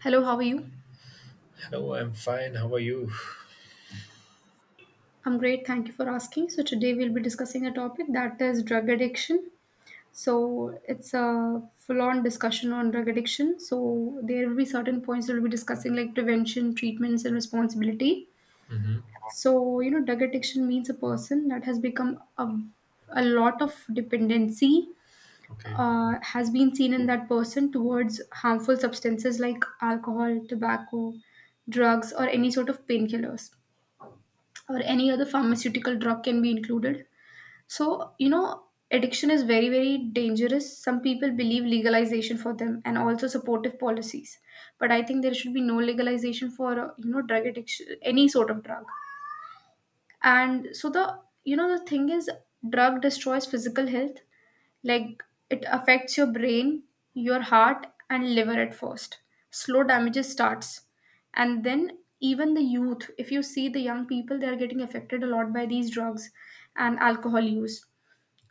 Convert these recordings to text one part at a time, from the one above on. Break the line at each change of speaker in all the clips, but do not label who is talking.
Hello, how are you?
Hello, I'm fine. How are you?
I'm great, thank you for asking. So, today we'll be discussing a topic that is drug addiction. So, it's a full on discussion on drug addiction. So, there will be certain points that we'll be discussing like prevention, treatments, and responsibility.
Hmm.
So, drug addiction means a person that has become a lot of dependency.
Okay.
Has been seen in that person towards harmful substances like alcohol, tobacco, drugs, or any sort of painkillers or any other pharmaceutical drug can be included. So, addiction is very, very dangerous. Some people believe legalization for them and also supportive policies. But I think there should be no legalization for, drug addiction, any sort of drug. And so the thing is, drug destroys physical health, like it affects your brain, your heart and liver. At first slow damages starts, and then even the youth, if you see, the young people, they are getting affected a lot by these drugs and alcohol use.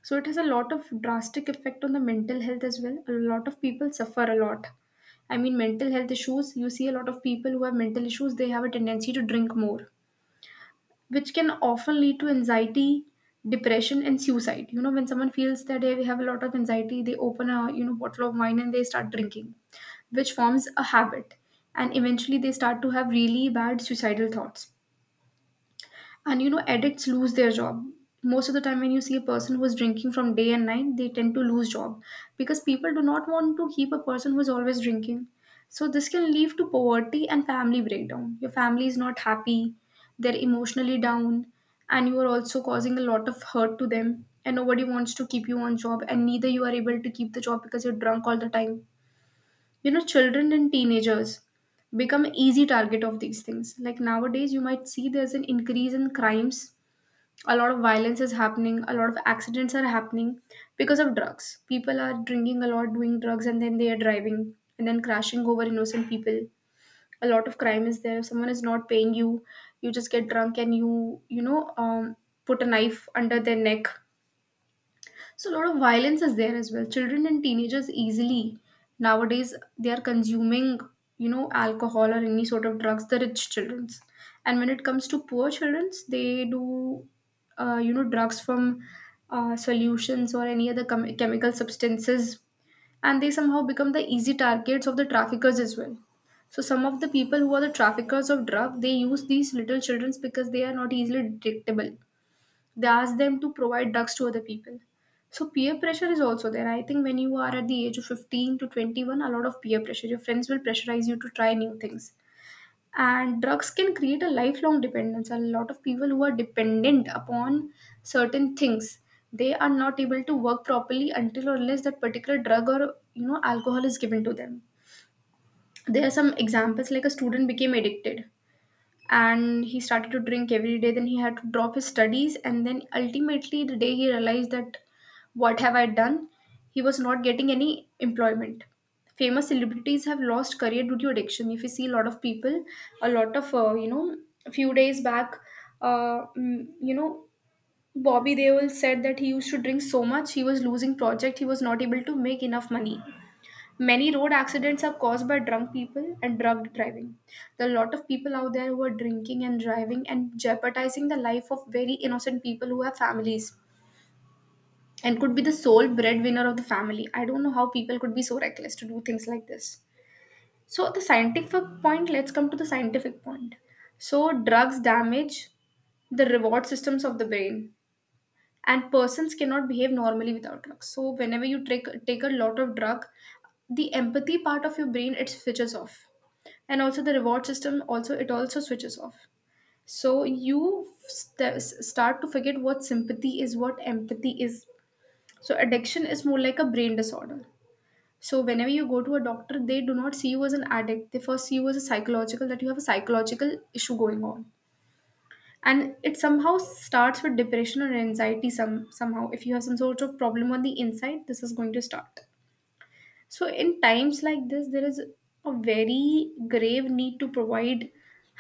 So it has a lot of drastic effect on the mental health as well. A lot of people suffer a lot. I mean, mental health issues, you see a lot of people who have mental issues, they have a tendency to drink more, which can often lead to anxiety, depression and suicide. You know when someone feels that they have a lot of anxiety, they open a, bottle of wine and they start drinking, which forms a habit, and eventually they start to have really bad suicidal thoughts. And you know, addicts lose their job. Most of the time, when you see a person who is drinking from day and night, they tend to lose job because people do not want to keep a person who is always drinking. So this can lead to poverty and family breakdown. Your family is not happy, they're emotionally down, and you are also causing a lot of hurt to them. And nobody wants to keep you on job, and neither you are able to keep the job because you're drunk all the time. You know, children and teenagers become easy target of these things. Like nowadays, you might see there's an increase in crimes. A lot of violence is happening, a lot of accidents are happening because of drugs. People are drinking a lot, doing drugs, and then they are driving and then crashing over innocent people. A lot of crime is there. If someone is not paying you, you just get drunk and you know put a knife under their neck. So a lot of violence is there as well. Children and teenagers easily nowadays they are consuming, you know, alcohol or any sort of drugs. The rich childrens, and when it comes to poor childrens, they do, drugs from solutions or any other chemical substances, and they somehow become the easy targets of the traffickers as well. So some of the people who are the traffickers of drug, they use these little childrens because they are not easily detectable. They ask them to provide drugs to other people. So peer pressure is also there. I think when you are at the age of 15 to 21, a lot of peer pressure. Your friends will pressurize you to try new things. And drugs can create a lifelong dependence. A lot of people who are dependent upon certain things, they are not able to work properly until or unless that particular drug or you know alcohol is given to them. There are some examples like a student became addicted and he started to drink every day, then he had to drop his studies, and then ultimately the day he realized that what have I done. He was not getting any employment. Famous celebrities have lost career due to addiction. If you see, a lot of people, a lot of, a few days back, uh, mm, you know Bobby Deol said that he used to drink so much, he was losing project, he was not able to make enough money. Many road accidents are caused by drunk people and drug driving. There are a lot of people out there who are drinking and driving and jeopardizing the life of very innocent people who have families and could be the sole breadwinner of the family. I don't know how people could be so reckless to do things like this. So, the scientific point, let's come to the scientific point. So, drugs damage the reward systems of the brain and persons cannot behave normally without drugs. So whenever you take a lot of drug, the empathy part of your brain, it switches off, and also the reward system, also it also switches off. So you start to forget what sympathy is, what empathy is. So addiction is more like a brain disorder. So whenever you go to a doctor, they do not see you as an addict, they first see you as a psychological, that you have a psychological issue going on. And it somehow starts with depression or anxiety. Some, somehow if you have some sort of problem on the inside, this is going to start. So in times like this, there is a very grave need to provide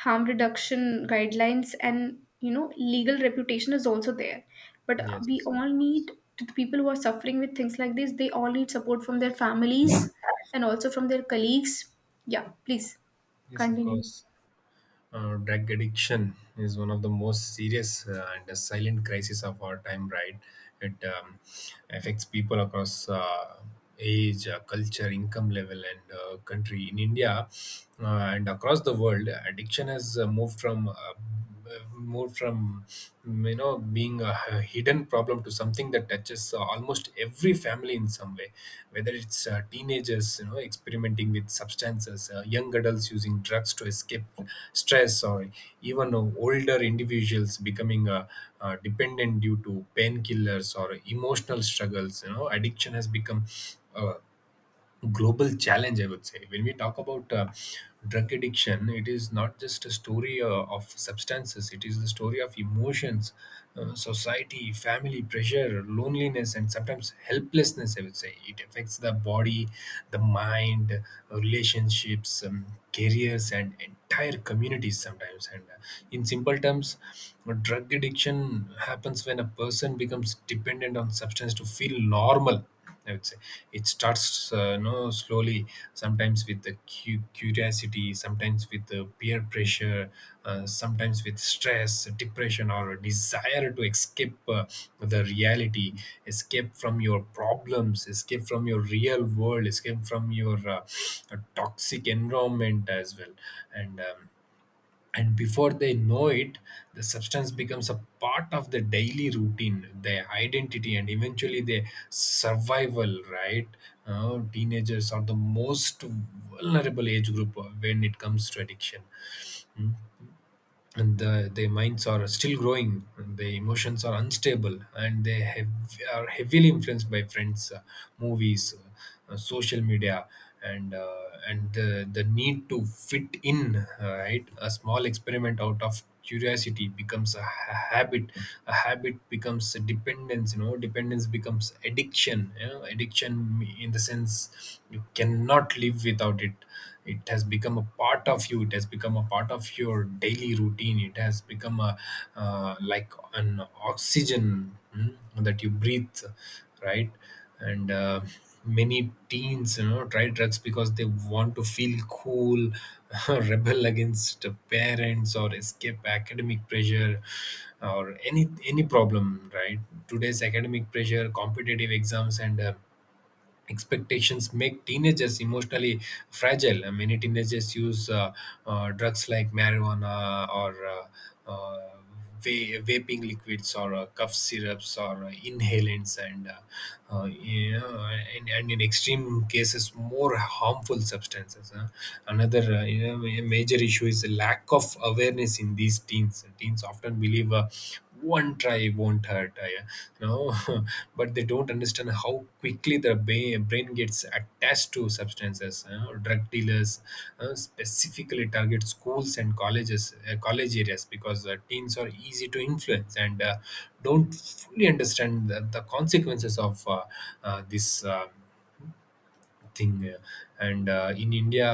harm reduction guidelines, and you know legal reputation is also there, but we
Yes.
all need to, the people who are suffering with things like this, they all need support from their families and also from their colleagues. Yeah, please
Yes, of
continue.
course. Drug addiction is one of the most serious and the silent crisis of our time, right? It affects people across age, culture, income level, and country. In India, uh, and across the world, addiction has moved from being a hidden problem to something that touches almost every family in some way, whether it's teenagers, experimenting with substances, young adults using drugs to escape stress, or even older individuals becoming dependent due to painkillers or emotional struggles. Addiction has become a global challenge, I would say. When we talk about drug addiction, it is not just a story of substances, it is the story of emotions, society, family pressure, loneliness, and sometimes helplessness, I would say. It affects the body, the mind, relationships, careers, and entire communities sometimes. And in simple terms, drug addiction happens when a person becomes dependent on substance to feel normal, I would say. It starts, no, slowly. Sometimes with the curiosity, sometimes with the peer pressure, sometimes with stress, depression, or a desire to escape the reality, escape from your problems, escape from your real world, escape from your toxic environment as well, and. Um, and before they know it, the substance becomes a part of the daily routine, their identity, and eventually their survival, right? Teenagers are the most vulnerable age group when it comes to addiction, and their minds are still growing, and their emotions are unstable, and are heavily influenced by friends, movies, social media, and the need to fit in, right. A small experiment out of curiosity becomes a habit. A habit becomes a dependence. Dependence becomes addiction. Addiction, in the sense you cannot live without it, it has become a part of you. It has become a part of your daily routine. It has become a, like an oxygen, that you breathe, right? And many teens try drugs because they want to feel cool, rebel against parents, or escape academic pressure, or any problem, right? Today's academic pressure, competitive exams, and expectations make teenagers emotionally fragile. Many teenagers use drugs like marijuana, or uh, uh, vaping liquids, or cough syrups, or inhalants, and you know, and in extreme cases more harmful substances, huh? Another you know, a major issue is the lack of awareness in these teens. Teens often believe one try won't hurt. I, you know But they don't understand how quickly the brain gets attached to substances. Drug dealers specifically target schools and colleges, college areas, because teens are easy to influence and don't fully understand the consequences of this thing. And in India,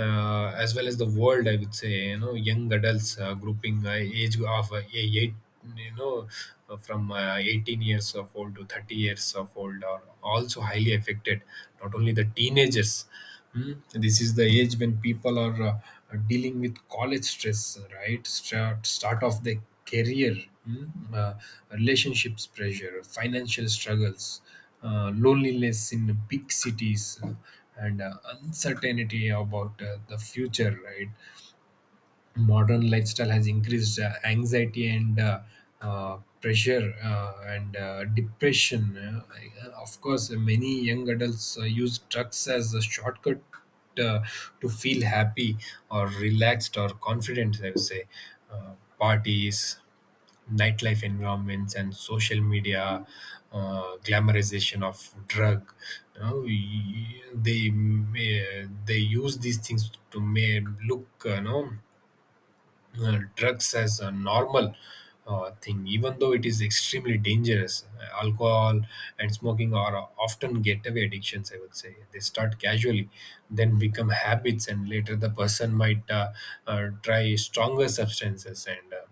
as well as the world, I would say, young adults, grouping age of eight, you know from 18 years of old to 30 years of old, are also highly affected, not only the teenagers. Hmm. This is the age when people are dealing with college stress, right? Start of their career, hmm, uh, relationships pressure, financial struggles, loneliness in big cities, and uncertainty about the future, right? Modern lifestyle has increased anxiety, and pressure, and depression. Of course, many young adults use drugs as a shortcut, uh, to feel happy or relaxed or confident, I would say. uh, Parties, nightlife environments, and social media, glamorization of drug, they use these things to may look, drugs as a normal thing, even though it is extremely dangerous. Alcohol and smoking are often getaway addictions, I would say. They start casually, then become habits, and later the person might try stronger substances, and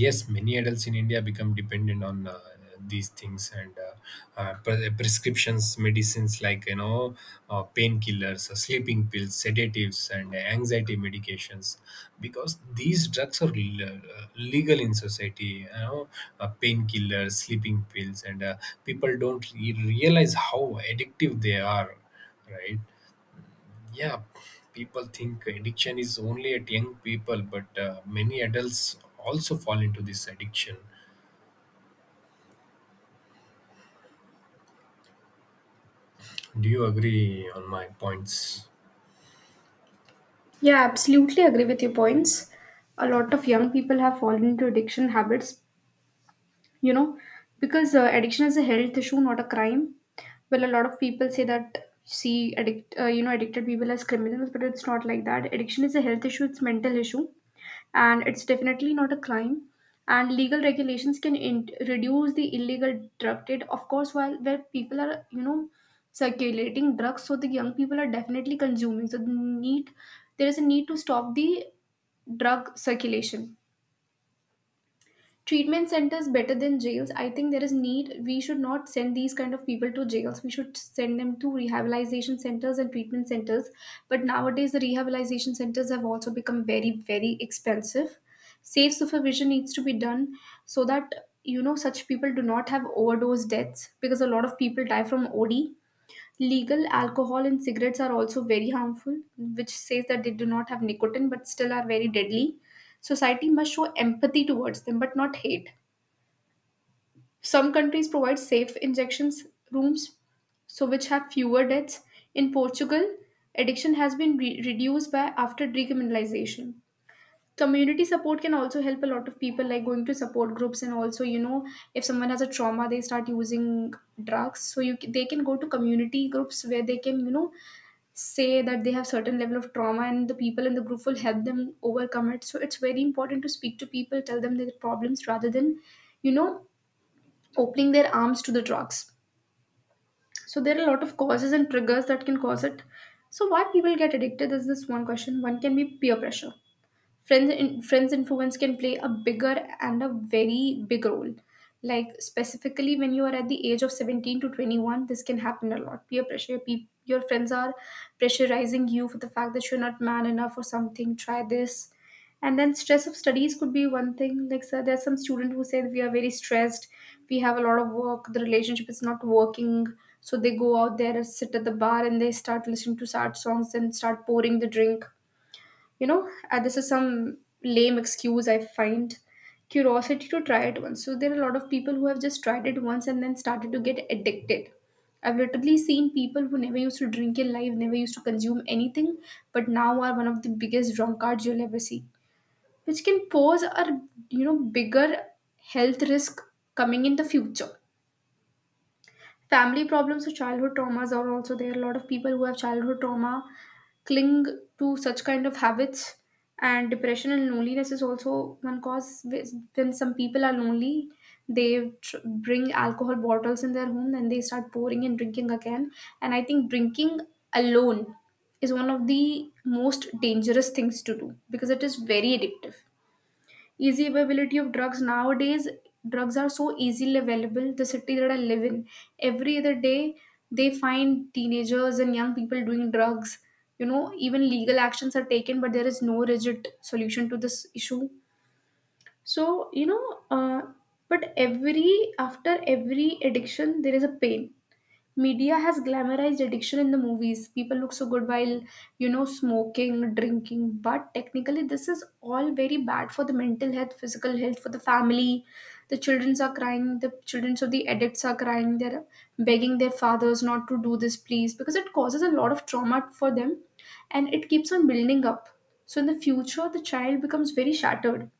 yes, many adults in India become dependent on these things, and prescriptions medicines like, painkillers, sleeping pills, sedatives, and anxiety medications, because these drugs are legal in society. Painkillers, sleeping pills, and people don't realize how addictive they are, right? Yeah, people think addiction is only at young people, but many adults also fall into this addiction. Do you agree on my points?
Yeah, absolutely agree with your points. A lot of young people have fallen into addiction habits, you know, because addiction is a health issue, not a crime. Well, a lot of people say that, see addicted people as criminals, but it's not like that. Addiction is a health issue, it's mental issue, and it's definitely not a crime. And legal regulations can reduce the illegal drug trade, of course, while where people are you know circulating drugs. So the young people are definitely consuming. So the need, there is a need to stop the drug circulation. Treatment centers better than jails. I think there is need, we should not send these kind of people to jails, we should send them to rehabilitation centers and treatment centers. But nowadays the rehabilitation centers have also become very, very expensive. Safe supervision needs to be done so that you know such people do not have overdose deaths, because a lot of people die from OD. Legal alcohol and cigarettes are also very harmful, which says that they do not have nicotine but still are very deadly. Society must show empathy towards them but not hate. Some countries provide safe injections rooms, so which have fewer deaths. In Portugal, addiction has been reduced by after decriminalization. Community support can also help a lot of people, like going to support groups, and also you know if someone has a trauma, they start using drugs. So you they can go to community groups where they can you know say that they have certain level of trauma, and the people in the group will help them overcome it. So it's very important to speak to people, tell them their problems, rather than you know opening their arms to the drugs. So there are a lot of causes and triggers that can cause it. So why people get addicted is this one question. One can be peer pressure. Friends influence can play a bigger and a very big role, like specifically when you are at the age of 17 to 21, this can happen a lot. Peer pressure, your friends are pressurizing you for the fact that you're not man enough or something, try this. And then stress of studies could be one thing, like so there's some student who said we are very stressed, we have a lot of work, the relationship is not working. So they go out there and sit at the bar and they start listening to sad songs and start pouring the drink, you know. This is some lame excuse I find. Curiosity to try it once. So there are a lot of people who have just tried it once and then started to get addicted. I've literally seen people who never used to drink in life, never used to consume anything, but now are one of the biggest drunkards you'll ever see, which can pose a you know bigger health risk coming in the future. Family problems or childhood traumas are also there. A lot of people who have childhood trauma cling to such kind of habits. And depression and loneliness is also one cause. When some people are lonely, they bring alcohol bottles in their home and they start pouring and drinking again. And I think drinking alone is one of the most dangerous things to do, because it is very addictive. Easy availability of drugs nowadays, drugs are so easily available. The city that I live in, every other day they find teenagers and young people doing drugs. You know, even legal actions are taken, but there is no rigid solution to this issue. So you know, uh, but every, after every addiction there is a pain. Media has glamorized addiction in the movies. People look so good while, you know, smoking, drinking, but technically, this is all very bad for the mental health, physical health, for the family. The children are crying, the children of the addicts are crying, they're begging their fathers not to do this, please, because it causes a lot of trauma for them and it keeps on building up. So, in the future, the child becomes very shattered.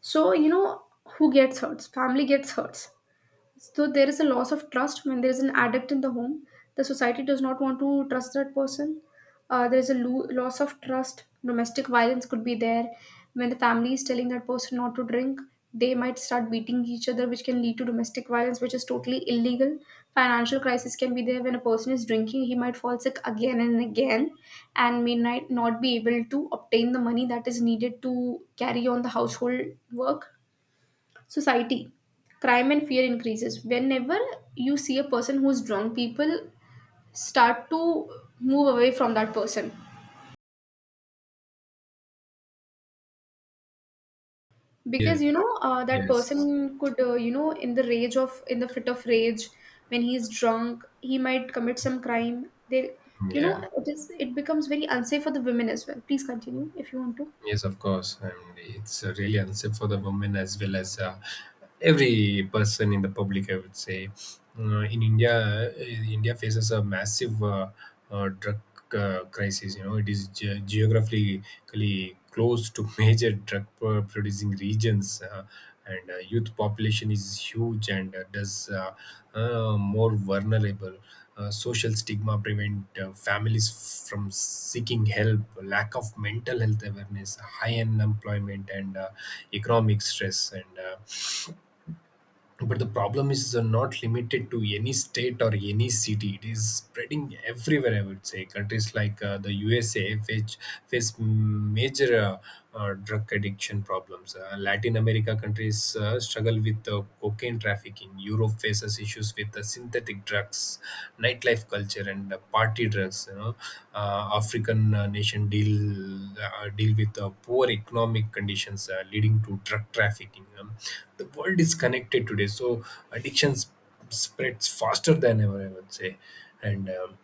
So, you know, who gets hurt? Family gets hurt. So there is a loss of trust when there is an addict in the home. The society does not want to trust that person. There is a loss of trust. Domestic violence could be there. When the family is telling that person not to drink, they might start beating each other, which can lead to domestic violence, which is totally illegal. Financial crisis can be there when a person is drinking. He might fall sick again and again, and may not be able to obtain the money that is needed to carry on the household work. Society, crime and fear increases. Whenever you see a person who's drunk, people start to move away from that person,
Yeah.
because you know that
Yes.
person could you know in the rage of, in the fit of rage when he's drunk he might commit some crime. They you know,
Yeah.
it is, it becomes very unsafe for the women as well. Please continue if you want to.
Yes, of course, and it's really unsafe for the women as well as every person in the public, I would say. In India, India faces a massive drug crisis. You know, it is geographically close to major drug producing regions. And youth population is huge, and thus more vulnerable. Social stigma prevent families from seeking help, lack of mental health awareness, high unemployment, and economic stress. And but the problem is not limited to any state or any city. It is spreading everywhere, I would say. Countries like the USA face major drug addiction problems. Latin America countries struggle with cocaine trafficking. Europe faces issues with synthetic drugs, nightlife culture, and party drugs. You know, African nation deal, deal with poor economic conditions, leading to drug trafficking. The world is connected today, so addiction spreads faster than ever, I would say. And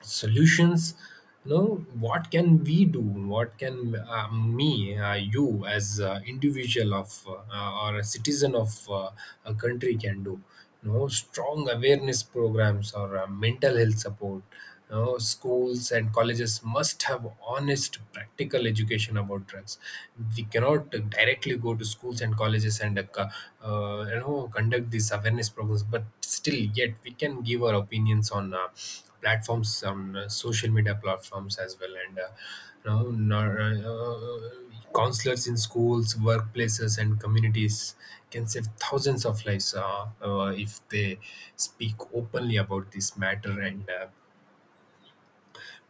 solutions, you know, what can we do? What can me you, as a individual of or a citizen of a country, can do? You know, strong awareness programs or mental health support. You know, schools and colleges must have honest practical education about drugs. We cannot directly go to schools and colleges and conduct these awareness programs, but still yet we can give our opinions on platforms, on social media platforms as well, and you know nor- uh, uh, counselors in schools, workplaces, and communities can save thousands of lives, if they speak openly about this matter. And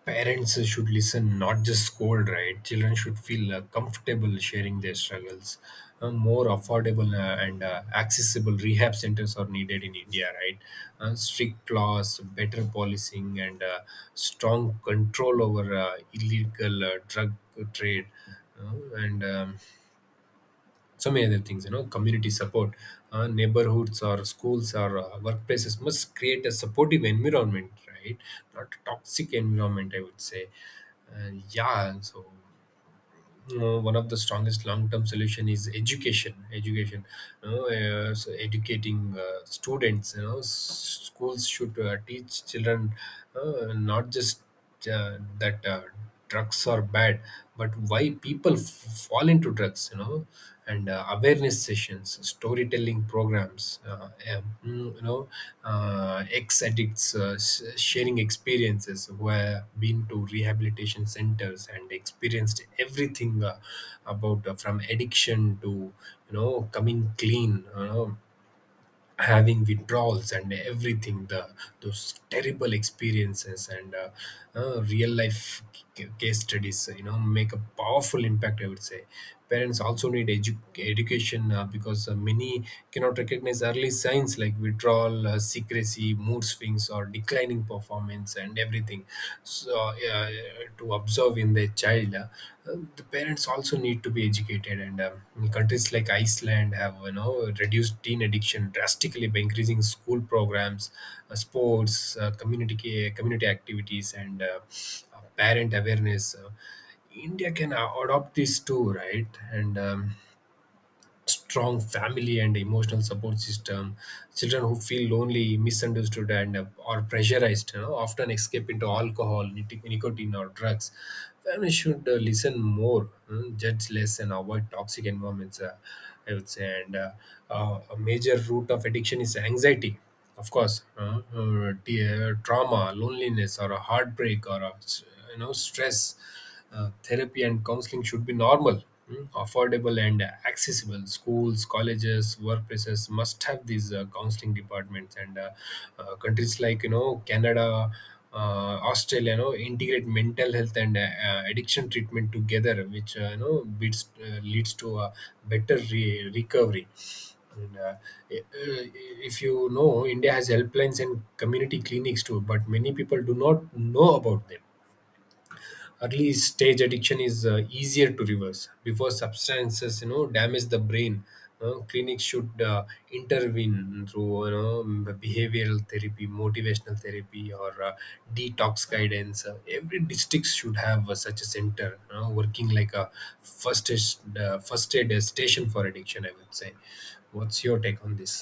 parents should listen, not just scold, right? Children should feel comfortable sharing their struggles. More affordable and accessible rehab centers are needed in India, right? Strict laws, better policing, and strong control over illegal drug trade. Uh, and so many other things. You know, community support, neighborhoods or schools or workplaces must create a supportive environment, right? Not a toxic environment, I would say. Yeah, so, you know, one of the strongest long-term solution is education. Education, you know, so educating students, you know, schools should teach children not just that drugs are bad, but why people fall into drugs, you know. And awareness sessions, storytelling programs, ex addicts sharing experiences, who have been to rehabilitation centers and experienced everything, about, from addiction to, coming clean. You know, having withdrawals and everything, the those terrible experiences, and real life case studies, you know, make a powerful impact, I would say. Parents also need education, because many cannot recognize early signs like withdrawal, secrecy, mood swings, or declining performance, and everything. So yeah, to observe in their child, the parents also need to be educated. And countries like Iceland have, reduced teen addiction drastically by increasing school programs, sports, community activities, and parent awareness. India can adopt this too, right? And strong family and emotional support system. Children who feel lonely, misunderstood, and or pressurized, you know, often escape into alcohol, nicotine, or drugs. Families should listen more, judge less, and avoid toxic environments, I would say. And a major root of addiction is anxiety, of course, trauma, loneliness, or a heartbreak, or a, s- you know stress. Therapy and counseling should be normal, affordable, and accessible. Schools, colleges, workplaces must have these counseling departments. And countries like, Canada, Australia, you know, integrate mental health and addiction treatment together, which leads to a better recovery. And, i- uh, if you know, India has helplines and community clinics too, but many people do not know about them. Early stage addiction is easier to reverse before substances, damage the brain. Clinics should intervene through, behavioral therapy, motivational therapy, or detox guidance. Every district should have such a center, you know, working like a first aid, first aid station for addiction, I would say. What's your take on this?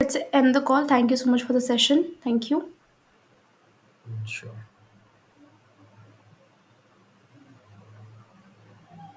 Let's end the call. Thank you so much for the session. Thank you.
Sure.